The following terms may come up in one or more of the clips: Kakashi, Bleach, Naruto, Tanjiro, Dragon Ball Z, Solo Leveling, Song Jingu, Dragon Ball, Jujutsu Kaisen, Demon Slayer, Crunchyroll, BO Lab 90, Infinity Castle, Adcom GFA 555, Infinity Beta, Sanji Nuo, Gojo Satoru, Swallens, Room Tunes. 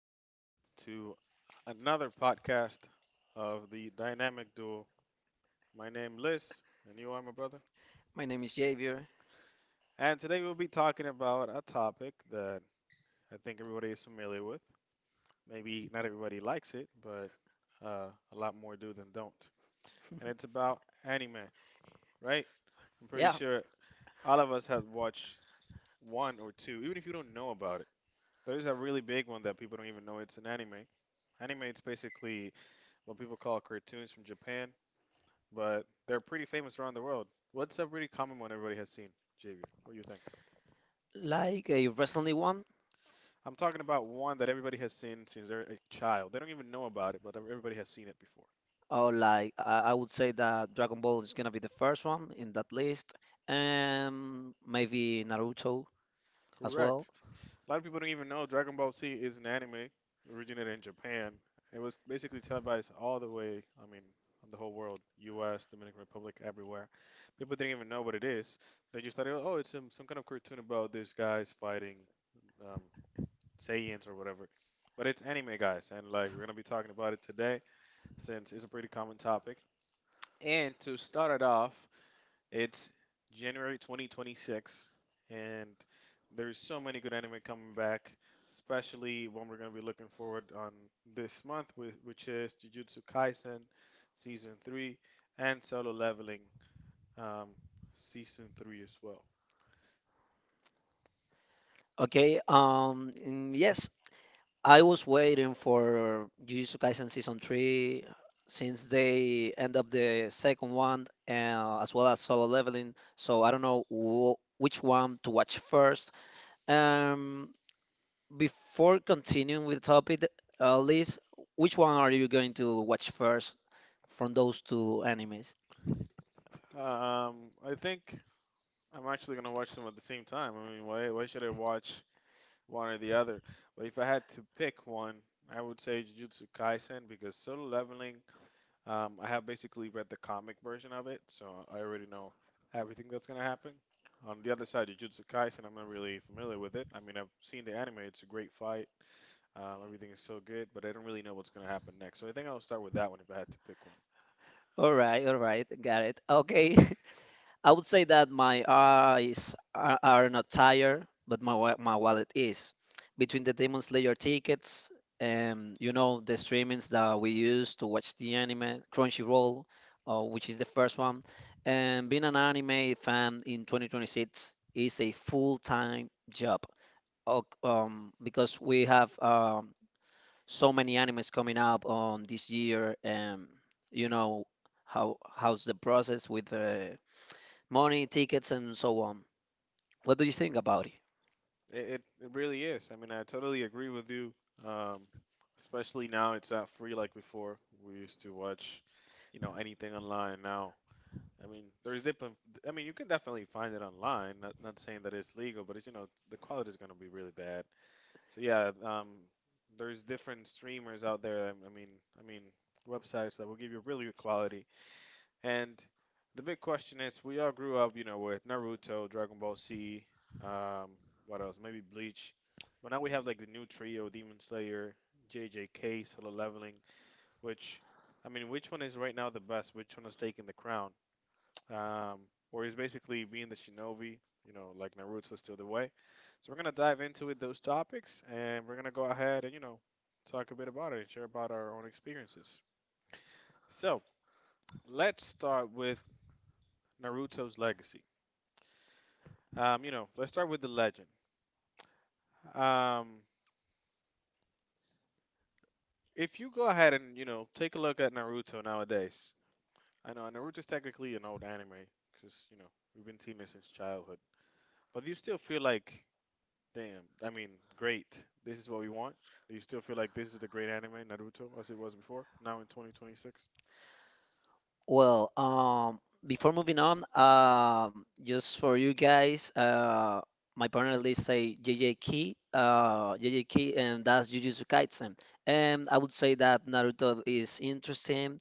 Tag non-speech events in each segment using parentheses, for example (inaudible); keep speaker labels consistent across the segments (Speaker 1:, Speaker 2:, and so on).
Speaker 1: everyone, to another podcast of the Dynamic Duo. My name Liz, and you are my brother.
Speaker 2: My name is Javier.
Speaker 1: And today we'll be talking about a topic that I think everybody is familiar with. Maybe not everybody likes it, but a lot more do than don't. And it's about anime, right? I'm pretty
Speaker 2: Yeah,
Speaker 1: sure all of us have watched one or two, even if you don't know about it. There's a really big one that people don't even know it's an anime. Anime, it's basically what people call cartoons from Japan but they're pretty famous around the world. What's a really common one everybody has seen, Javier? What do you think?
Speaker 2: like a recently one,
Speaker 1: I'm talking about one that everybody has seen since they're a child. They don't even know about it, but everybody has seen it before.
Speaker 2: or like I would say that Dragon Ball is gonna be the first one in that list, and maybe Naruto as well.
Speaker 1: Correct. A lot of people don't even know Dragon Ball Z is an anime originated in Japan. It was basically televised all the way, I mean, on the whole world, U.S., Dominican Republic, everywhere. People didn't even know what it is. They just thought, oh, it's some, kind of cartoon about these guys fighting um, Saiyans or whatever. But it's anime, guys, and like we're gonna be talking about it today since it's a pretty common topic. And to start it off, it's January 2026, and there's so many good anime coming back, especially one we're gonna be looking forward on this month, which is Jujutsu Kaisen season three and Solo Leveling um, season three as well.
Speaker 2: Okay, yes, I was waiting for Jujutsu Kaisen season three since they end up the second one, as well as Solo Leveling. So I don't know wh which one to watch first. Um, Before continuing with the topic, Liz, which one are you going to watch first from those two animes?
Speaker 1: I think I'm actually gonna watch them at the same time. I mean, why should I watch one or the other. But if I had to pick one, I would say Jujutsu Kaisen because Solo Leveling, I have basically read the comic version of it, so I already know everything that's gonna happen. On the other side, Jujutsu Kaisen, I'm not really familiar with it. I mean, I've seen the anime; it's a great fight. Everything is so good, but I don't really know what's gonna happen next. So I think I'll start with that one if I had to pick one.
Speaker 2: All right, got it. Okay, (laughs) I would say that my eyes are not tired, but my wallet is. Between the Demon Slayer tickets and you know the streamings that we use to watch the anime, Crunchyroll, which is the first one, and being an anime fan in 2026 is a full-time job. Oh, because we have so many animes coming up on this year, and you know how's the process with the money, tickets, and so on. What do you think about it?
Speaker 1: It really is. I mean, I totally agree with you. Um, especially now it's not free like before. We used to watch, you know, anything online now. I mean, there's definitely, I mean, you can definitely find it online. Not saying that it's legal, but it's, you know, the quality is going to be really bad. So yeah, there's different streamers out there. I mean, websites that will give you really good quality. And the big question is, we all grew up, you know, with Naruto, Dragon Ball Z, um, what else? Maybe Bleach. But now we have like the new trio, Demon Slayer, JJK, Solo Leveling, which, I mean, which one is right now the best? Which one is taking the crown? Um, or he's basically being the shinobi, you know, like Naruto still the way. So we're gonna dive into it, those topics, and we're gonna go ahead and you know talk a bit about it and share about our own experiences. So let's start with Naruto's legacy. You know, let's start with the legend. Um, if you go ahead and you know take a look at Naruto nowadays, I know Naruto's technically an old anime because you know we've been seeing it since childhood, but you still feel like damn. I mean, great. This is what we want. Do you still feel like this is the great anime, Naruto, as it was before, now in 2026?
Speaker 2: Well, before moving on, just for you guys, my partner list say JJ Key, JJ Key, and that's Jujutsu Kaisen. And I would say that Naruto is interesting.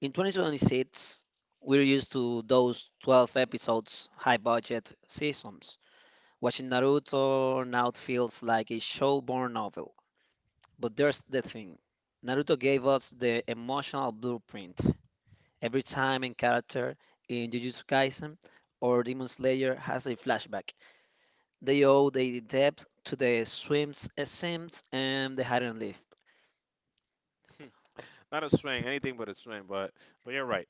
Speaker 2: In 2026, we're used to those 12 episodes, high budget seasons. Watching Naruto now feels like a show born novel. But there's the thing, Naruto gave us the emotional blueprint. Every time a character in Jujutsu Kaisen or Demon Slayer has a flashback, they owe their depth to the swims and the hidden leaf.
Speaker 1: (laughs) Not a swing, anything but a swing, but you're right.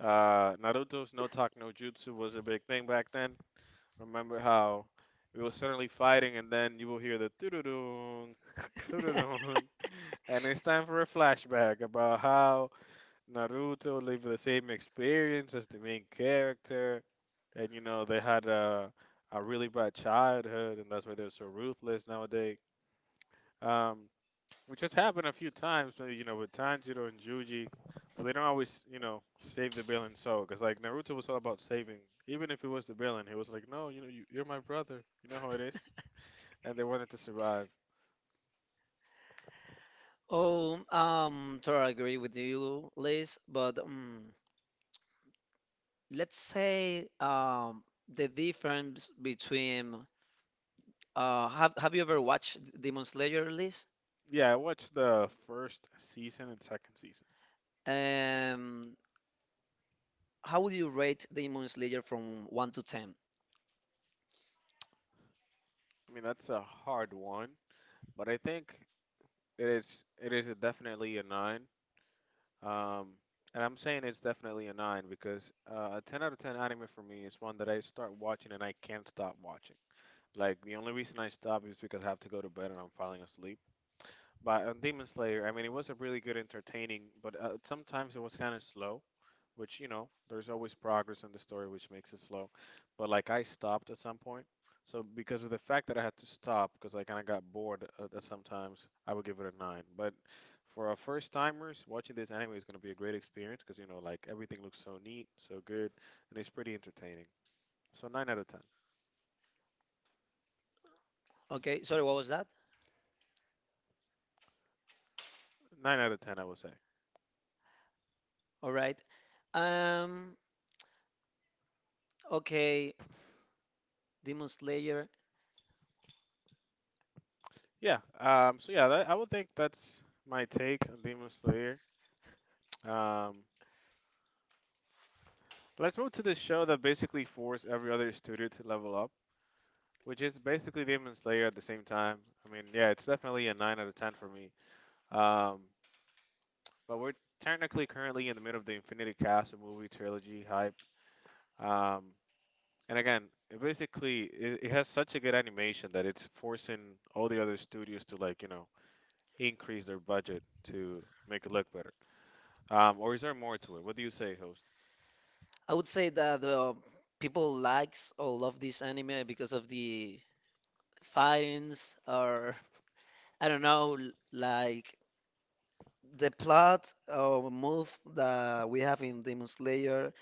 Speaker 1: Naruto's no talk, no jutsu was a big thing back then. Remember how we were suddenly fighting, and then you will hear the doo doo doo doo doo
Speaker 2: (laughs)
Speaker 1: doo, (laughs) and it's time for a flashback about how Naruto lived the same experience as the main character, and you know they had a really bad childhood, and that's why they're so ruthless nowadays. Um, which has happened a few times, maybe you know with Tanjiro and Juji, but they don't always you know save the villain. So, because like Naruto was all about saving, even if it was the villain, he was like, no, you know, you're my brother. You know how it is, and they wanted to survive.
Speaker 2: Oh, totally agree with you, Liz, but let's say the difference between, have you ever watched Demon Slayer, Liz?
Speaker 1: Yeah, I watched the first season and second season.
Speaker 2: Um, how would you rate Demon Slayer from one to ten?
Speaker 1: I mean, that's a hard one, but I think it is a definitely a nine. Um, and I'm saying it's definitely a nine because a ten out of ten anime for me is one that I start watching and I can't stop watching. Like the only reason I stop is because I have to go to bed and I'm falling asleep. But on Demon Slayer, I mean, it was a really good entertaining, but sometimes it was kind of slow which you know there's always progress in the story which makes it slow but like I stopped at some point so because of the fact that I had to stop because I kind of got bored at sometimes I would give it a nine but for our first timers watching this anime is going to be a great experience because you know like everything looks so neat so good and it's pretty entertaining so nine out of ten.
Speaker 2: Okay, sorry, what was that?
Speaker 1: Nine out of ten I would say.
Speaker 2: All right. Um, okay, Demon Slayer.
Speaker 1: Yeah, um, so yeah that, I would think that's my take on Demon Slayer. Um, let's move to this show that basically forced every other studio to level up, which is basically Demon Slayer at the same time. I mean, yeah, it's definitely a 9 out of 10 for me. Um, but we're technically currently in the middle of the Infinity Castle movie trilogy hype. Um, and again, it, it has such a good animation that it's forcing all the other studios to like, you know, increase their budget to make it look better. Or is there more to it? What do you say, host?
Speaker 2: I would say that people likes or love this anime because of the fightings or (laughs) I don't know, The plot or move that we have in Demon Slayer,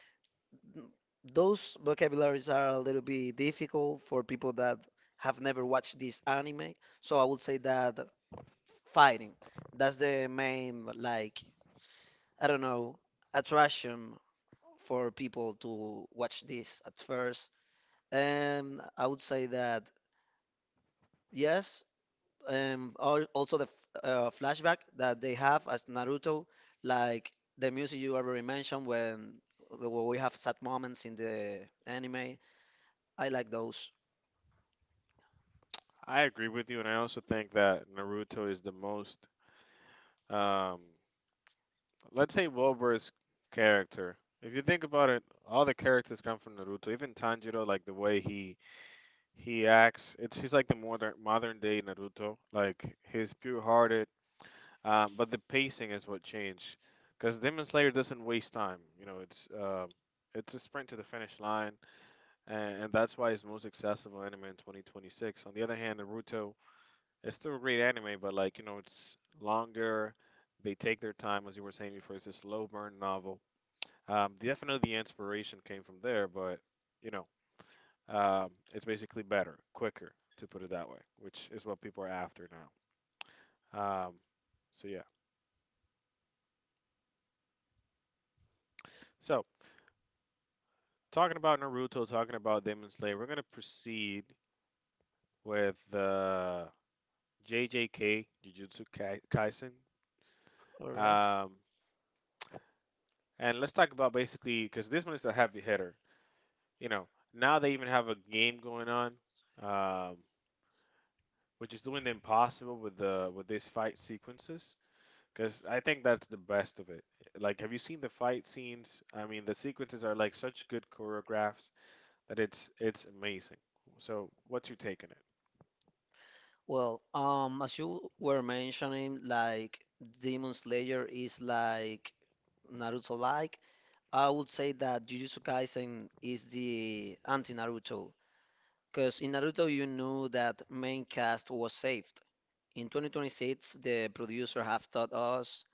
Speaker 2: those vocabularies are a little bit difficult for people that have never watched this anime. So I would say that fighting, that's the main, like, I don't know, attraction for people to watch this at first. And I would say that yes, also the flashback that they have as Naruto, like the music you already mentioned when we have sad moments in the anime. I like those.
Speaker 1: I agree with you, and I also think that Naruto is the most um, let's say Wilbur's character. If you think about it, all the characters come from Naruto. Even Tanjiro, like the way he acts, it's he's like the modern day Naruto. Like he's pure hearted, but the pacing is what changed. Because Demon Slayer doesn't waste time. You know, it's a sprint to the finish line, and that's why it's the most accessible anime in 2026. On the other hand, Naruto is still a great anime, but like you know, it's longer. They take their time, as you were saying before. It's a slow burn novel the definitely the inspiration came from there, but you know, it's basically better, quicker, to put it that way, which is what people are after now. So yeah. So talking about Naruto, talking about Demon Slayer, we're gonna proceed with JJK Jujutsu Kaisen,
Speaker 2: All right. (laughs)
Speaker 1: um, and let's talk about basically because this one is a heavy hitter. You know, now they even have a game going on, um, which is doing the impossible with the with these fight sequences. Because I think that's the best of it. Like, have you seen the fight scenes? I mean, the sequences are like such good choreographs that it's amazing. So, what's your take on
Speaker 2: Well, as you were mentioning, like Demon Slayer is like Naruto-like. I would say that Jujutsu Kaisen is the anti-Naruto, because in Naruto you knew that main cast was safe. In 2026, the producer have taught us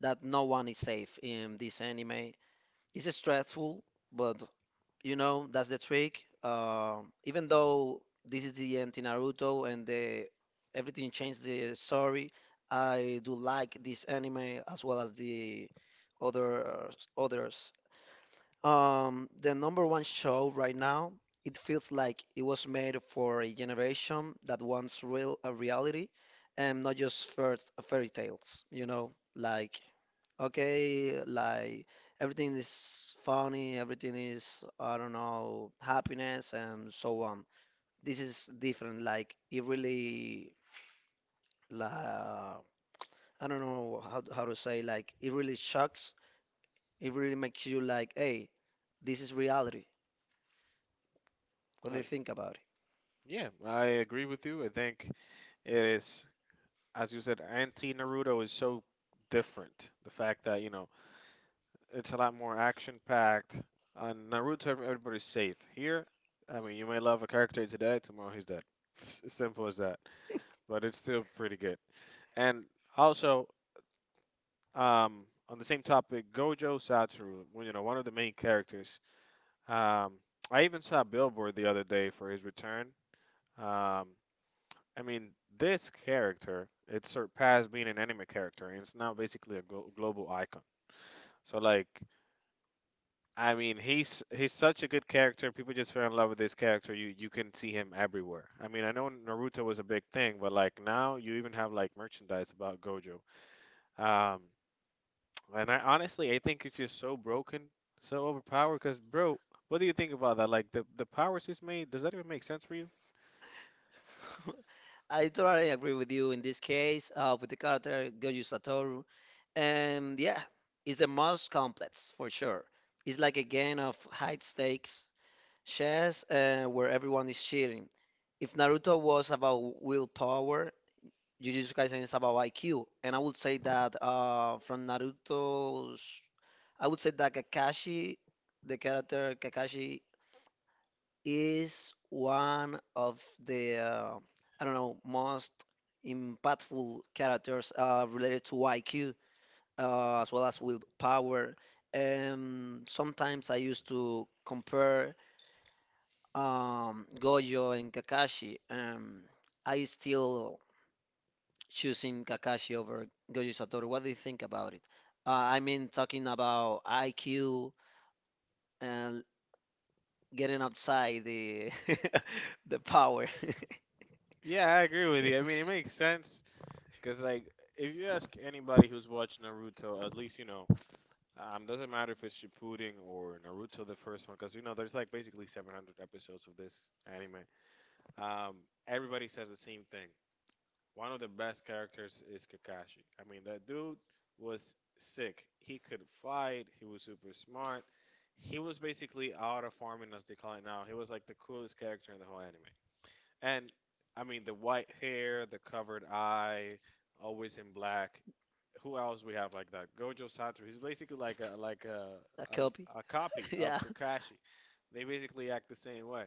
Speaker 2: that no one is safe in this anime. It's stressful, but you know, that's the trick. Even though this is the end in Naruto everything changed the story, I do like this anime as well as the other others. The number one show right now, it feels like it was made for a generation that wants real a reality and not just first fairy tales, you know, like okay, like everything is funny, everything is I don't know, happiness and so on. This is different, like it really la I don't know how to say, like it really shocks. It really makes you like, hey, this is reality. What
Speaker 1: it?
Speaker 2: do you think about it?
Speaker 1: Yeah, I agree with you. I think it is, as you said, anti-Naruto is so different. The fact that, you know, it's a lot more action-packed. On Naruto, everybody's safe. Here, I mean, you may love a character today, tomorrow he's dead. It's as simple as that. But it's still pretty good. And also, um, on the same topic, Gojo Satoru, well, you know, one of the main characters. Um, I even saw a billboard the other day for his return. Um, I mean, this character, it surpassed being an anime character, and it's now basically a global icon. So like, I mean, he's such a good character. People just fell in love with this character. You can see him everywhere. I mean, I know Naruto was a big thing, but like now you even have like merchandise about Gojo. Um, And I honestly, I think it's just so broken, so overpowered. Cause, bro, what do you think about that? Like the powers he's made, does that even make sense for you?
Speaker 2: (laughs) I totally agree with you in this case, with the character Goju Satoru. And yeah, it's the most complex for sure. It's like a game of high stakes chess where everyone is cheating. If Naruto was about willpower, Jujutsu Kaisen is about IQ. And I would say that from Naruto's, I would say that Kakashi, the character Kakashi is one of the, I don't know, most impactful characters related to IQ, as well as willpower. Sometimes I used to compare Gojo and Kakashi. I still choosing Kakashi over Gojo Satoru. What do you think about it? I mean, talking about IQ and getting outside the (laughs) the power.
Speaker 1: Yeah, I agree
Speaker 2: (laughs) (laughs)
Speaker 1: with you. I mean, it makes sense because, like, if you ask anybody who's watched Naruto, at least you know, doesn't matter if it's Shippuden or Naruto the first one, because you know, there's like basically 700 episodes of this anime. Um, everybody says the same thing. One of the best characters is Kakashi. I mean, that dude was sick. He could fight. He was super smart. He was basically out of farming, as they call it now. He was like the coolest character in the whole anime. And I mean, the white hair, the covered eye, always in black. Who else we have like that? Gojo Satoru. He's basically like a
Speaker 2: A
Speaker 1: um,
Speaker 2: copy?
Speaker 1: a
Speaker 2: (laughs)
Speaker 1: copy
Speaker 2: Yeah.
Speaker 1: of Kakashi. They basically act the same way.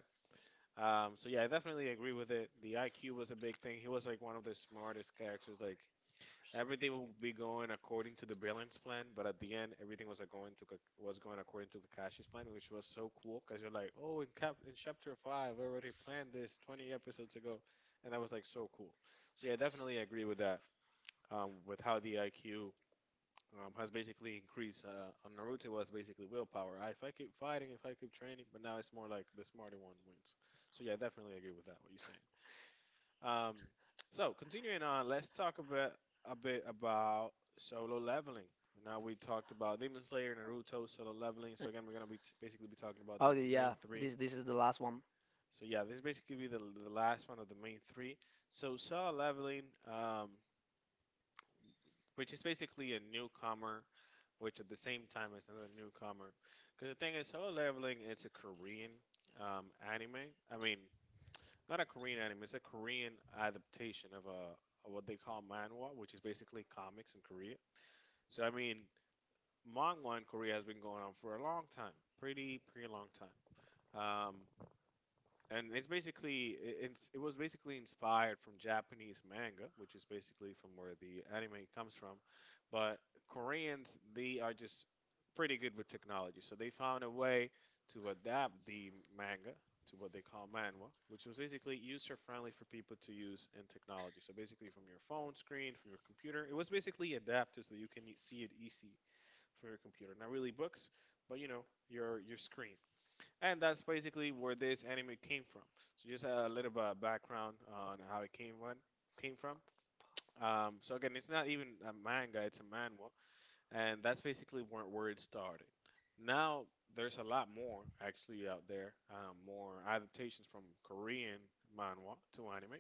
Speaker 1: So yeah, I definitely agree with it. The IQ was a big thing. He was like one of the smartest characters. Like, everything will be going according to the Brilliance plan, but at the end, everything was like was going according to Kakashi's plan, which was so cool because you're like, oh, in chapter five, I already planned this 20 episodes ago, and that was like so cool. So yeah, I definitely agree with that. With how the IQ has basically increased. On Naruto it was basically willpower. If I keep fighting, if I keep training, but now it's more like the smarter one wins. So yeah, I definitely agree with that. What you say? Um, so continuing on, let's talk about a bit about solo leveling. Now we talked about Demon Slayer, Naruto, solo leveling. So again, we're gonna basically be talking about the
Speaker 2: Oh
Speaker 1: main
Speaker 2: yeah,
Speaker 1: three.
Speaker 2: this is the last one.
Speaker 1: So yeah, this basically be the last one of the main three. So solo leveling, um, which is basically a newcomer, which at the same time is another newcomer, because the thing is, solo leveling it's a Korean anime. I mean, not a Korean anime. It's a Korean adaptation of a of what they call manhwa, which is basically comics in Korea. So I mean, manhwa in Korea has been going on for a long time, pretty long time. Um, and it's basically it was basically inspired from Japanese manga, which is basically from where the anime comes from. But Koreans, they are just pretty good with technology, so they found a way to adapt the manga to what they call manhwa, which was basically user friendly for people to use in technology. So basically, from your phone screen, from your computer, it was basically adapted so you can see it easy for your computer. Not really books, but you know your screen. And that's basically where this anime came from. So just a little bit of background on how it came on, came from. So again, it's not even a manga; it's a manhwa, and that's basically where it started. Now there's a lot more actually out there, more adaptations from Korean manhwa to anime,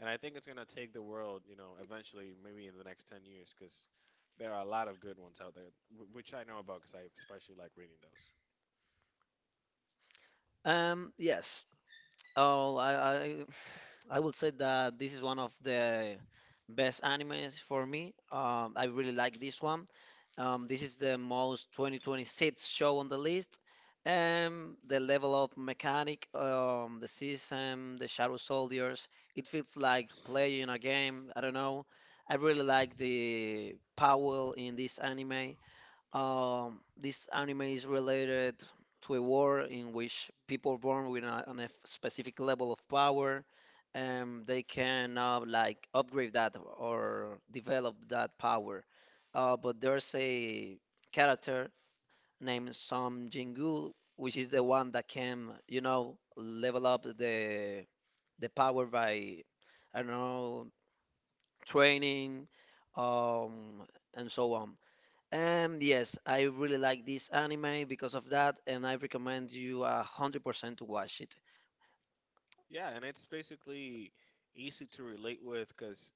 Speaker 1: and I think it's gonna take the world, you know, eventually, maybe in the next 10 years, because there are a lot of good ones out there, which I know about because I especially like reading those.
Speaker 2: Yes. Oh, I I, I would say that this is one of the best animes for me. I really like this one. This is the most 2026 show on the list. The level of mechanic, the system, the shadow soldiers, it feels like playing a game. I don't know. I really like the Powell in this anime. This anime is related to a war in which people born on a specific level of power, and they can like upgrade that or develop that power. But there's a character named Song Jingu, which is the one that can, you know, level up the power by, I don't know, training, um, and so on. Yes, I really like this anime because of that, and I recommend you 100% to watch it.
Speaker 1: Yeah, and it's basically easy to relate with because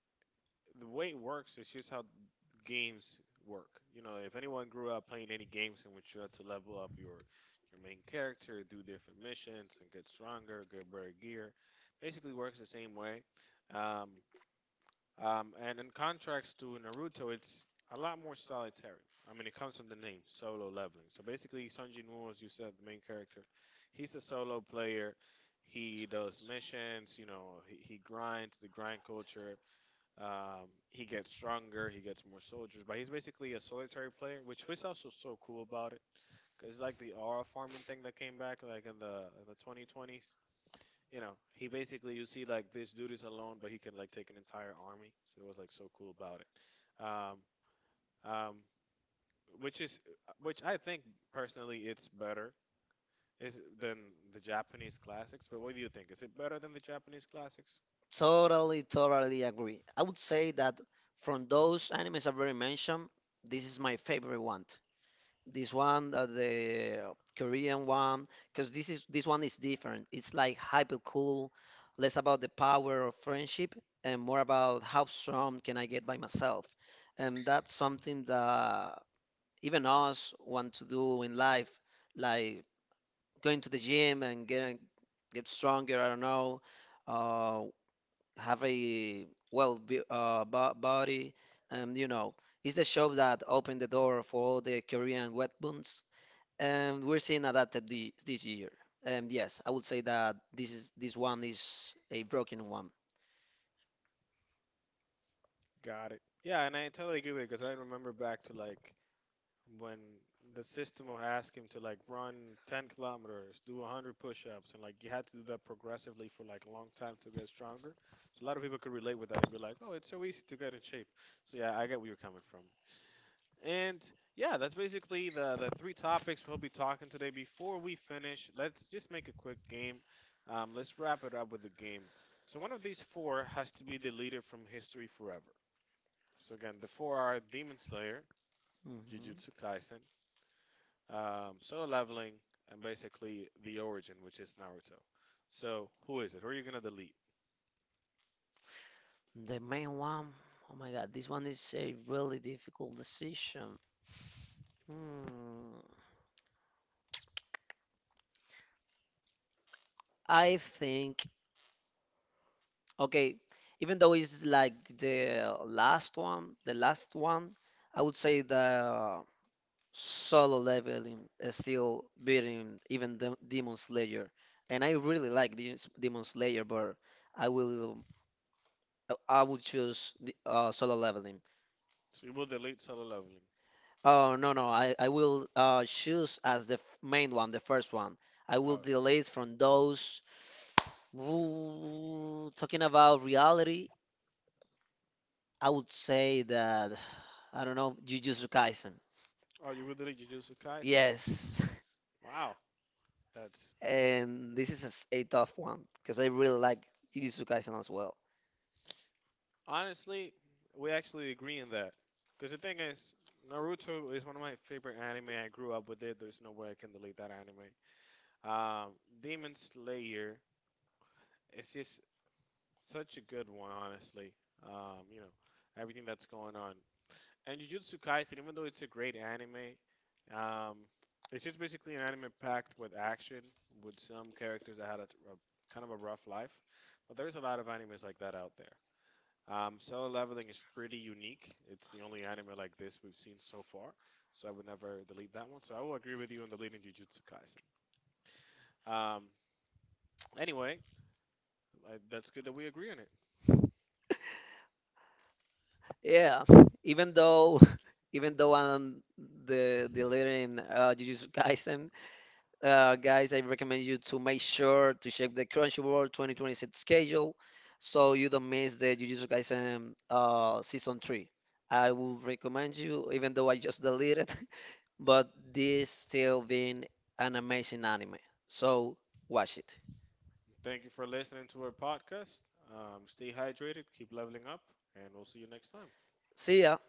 Speaker 1: the way it works is just how games work. You know, if anyone grew up playing any games in which you had to level up your main character, do different missions, and get stronger, get better gear, basically works the same way. Um, and in contrast to Naruto, it's a lot more solitary. I mean, it comes from the name, solo leveling. So basically, Sanji Nuo, as you said, the main character, he's a solo player. He does missions, you know, he grinds the grind culture. He gets stronger, he gets more soldiers, but he's basically a solitary player, which was also so cool about it. Cause it's like the aura farming thing that came back like in the 2020s, you know, he basically you see like this dude is alone, but he can like take an entire army. So it was like so cool about it. Um, which is which I think personally it's better is than the Japanese classics. But what do you think? Is it better than the Japanese classics?
Speaker 2: Totally, totally agree. I would say that from those animes I've already mentioned, this is my favorite one. This one, the Korean one, because this one is different. It's like hyper cool, less about the power of friendship and more about how strong can I get by myself. And that's something that even us want to do in life, like going to the gym and get stronger. I don't know, uh, have a well body, and you know. It's the shop that opened the door for all the Korean weapons we're seeing adapted this year. Yes, I would say that this one is a broken one.
Speaker 1: Got it. Yeah, and I totally agree with you because I remember back to like when the system will ask him to like run 10 kilometers, do 100 push-ups, and like you had to do that progressively for like a long time to get stronger. So a lot of people could relate with that and be like, "Oh, it's so easy to get in shape." So yeah, I get where you're coming from. And yeah, that's basically the three topics we'll be talking today. Before we finish, let's just make a quick game. Let's wrap it up with the game. So one of these four has to be deleted from history forever. So again, the four are Demon Slayer,
Speaker 2: Mhm.
Speaker 1: Jujutsu Kaisen, solo leveling and basically the origin, which is Naruto. So who is it? Who are you gonna delete?
Speaker 2: The main one, oh my God, this one is a really difficult decision. Hmm. I think, okay, even though it's like the last one, I would say the solo leveling is still beating even the Demon Slayer. And I really like Demon Slayer, but I will I would choose the, solo leveling.
Speaker 1: So you will delete solo leveling.
Speaker 2: Oh no no, I will choose as the main one, the first one. I will
Speaker 1: Oh,
Speaker 2: delete from those. Ooh, talking about reality, I would say that I don't know Jujutsu Kaisen.
Speaker 1: oh, you will delete Jujutsu Kaisen.
Speaker 2: Yes,
Speaker 1: Yes. Wow, that's
Speaker 2: (laughs) and this is a tough one because I really like Jujutsu Kaisen as well.
Speaker 1: honestly, we actually agree in that. Because the thing is, Naruto is one of my favorite anime. I grew up with it. There's no way I can delete that anime. Um, Demon Slayer is just such a good one, honestly. You know, everything that's going on. And Jujutsu Kaisen, even though it's a great anime, um, it's just basically an anime packed with action, with some characters that had a kind of a rough life. But there's a lot of animes like that out there. Solo Leveling is pretty unique. It's the only anime like this we've seen so far, so I would never delete that one. So I will agree with you on deleting Jujutsu Kaisen. Um, anyway, that's good that we agree on it.
Speaker 2: Yeah, (laughs) even though (laughs) even though I'm the deleting Jujutsu Kaisen. Guys, I recommend you to make sure to check the Crunchyroll 2026 schedule so you don't miss the Jujutsu Kaisen season 3. I would recommend you, even though I just deleted, (laughs) but this still being an amazing anime. So watch it.
Speaker 1: Thank you for listening to our podcast. Stay hydrated, keep leveling up, and we'll see you next time.
Speaker 2: See ya.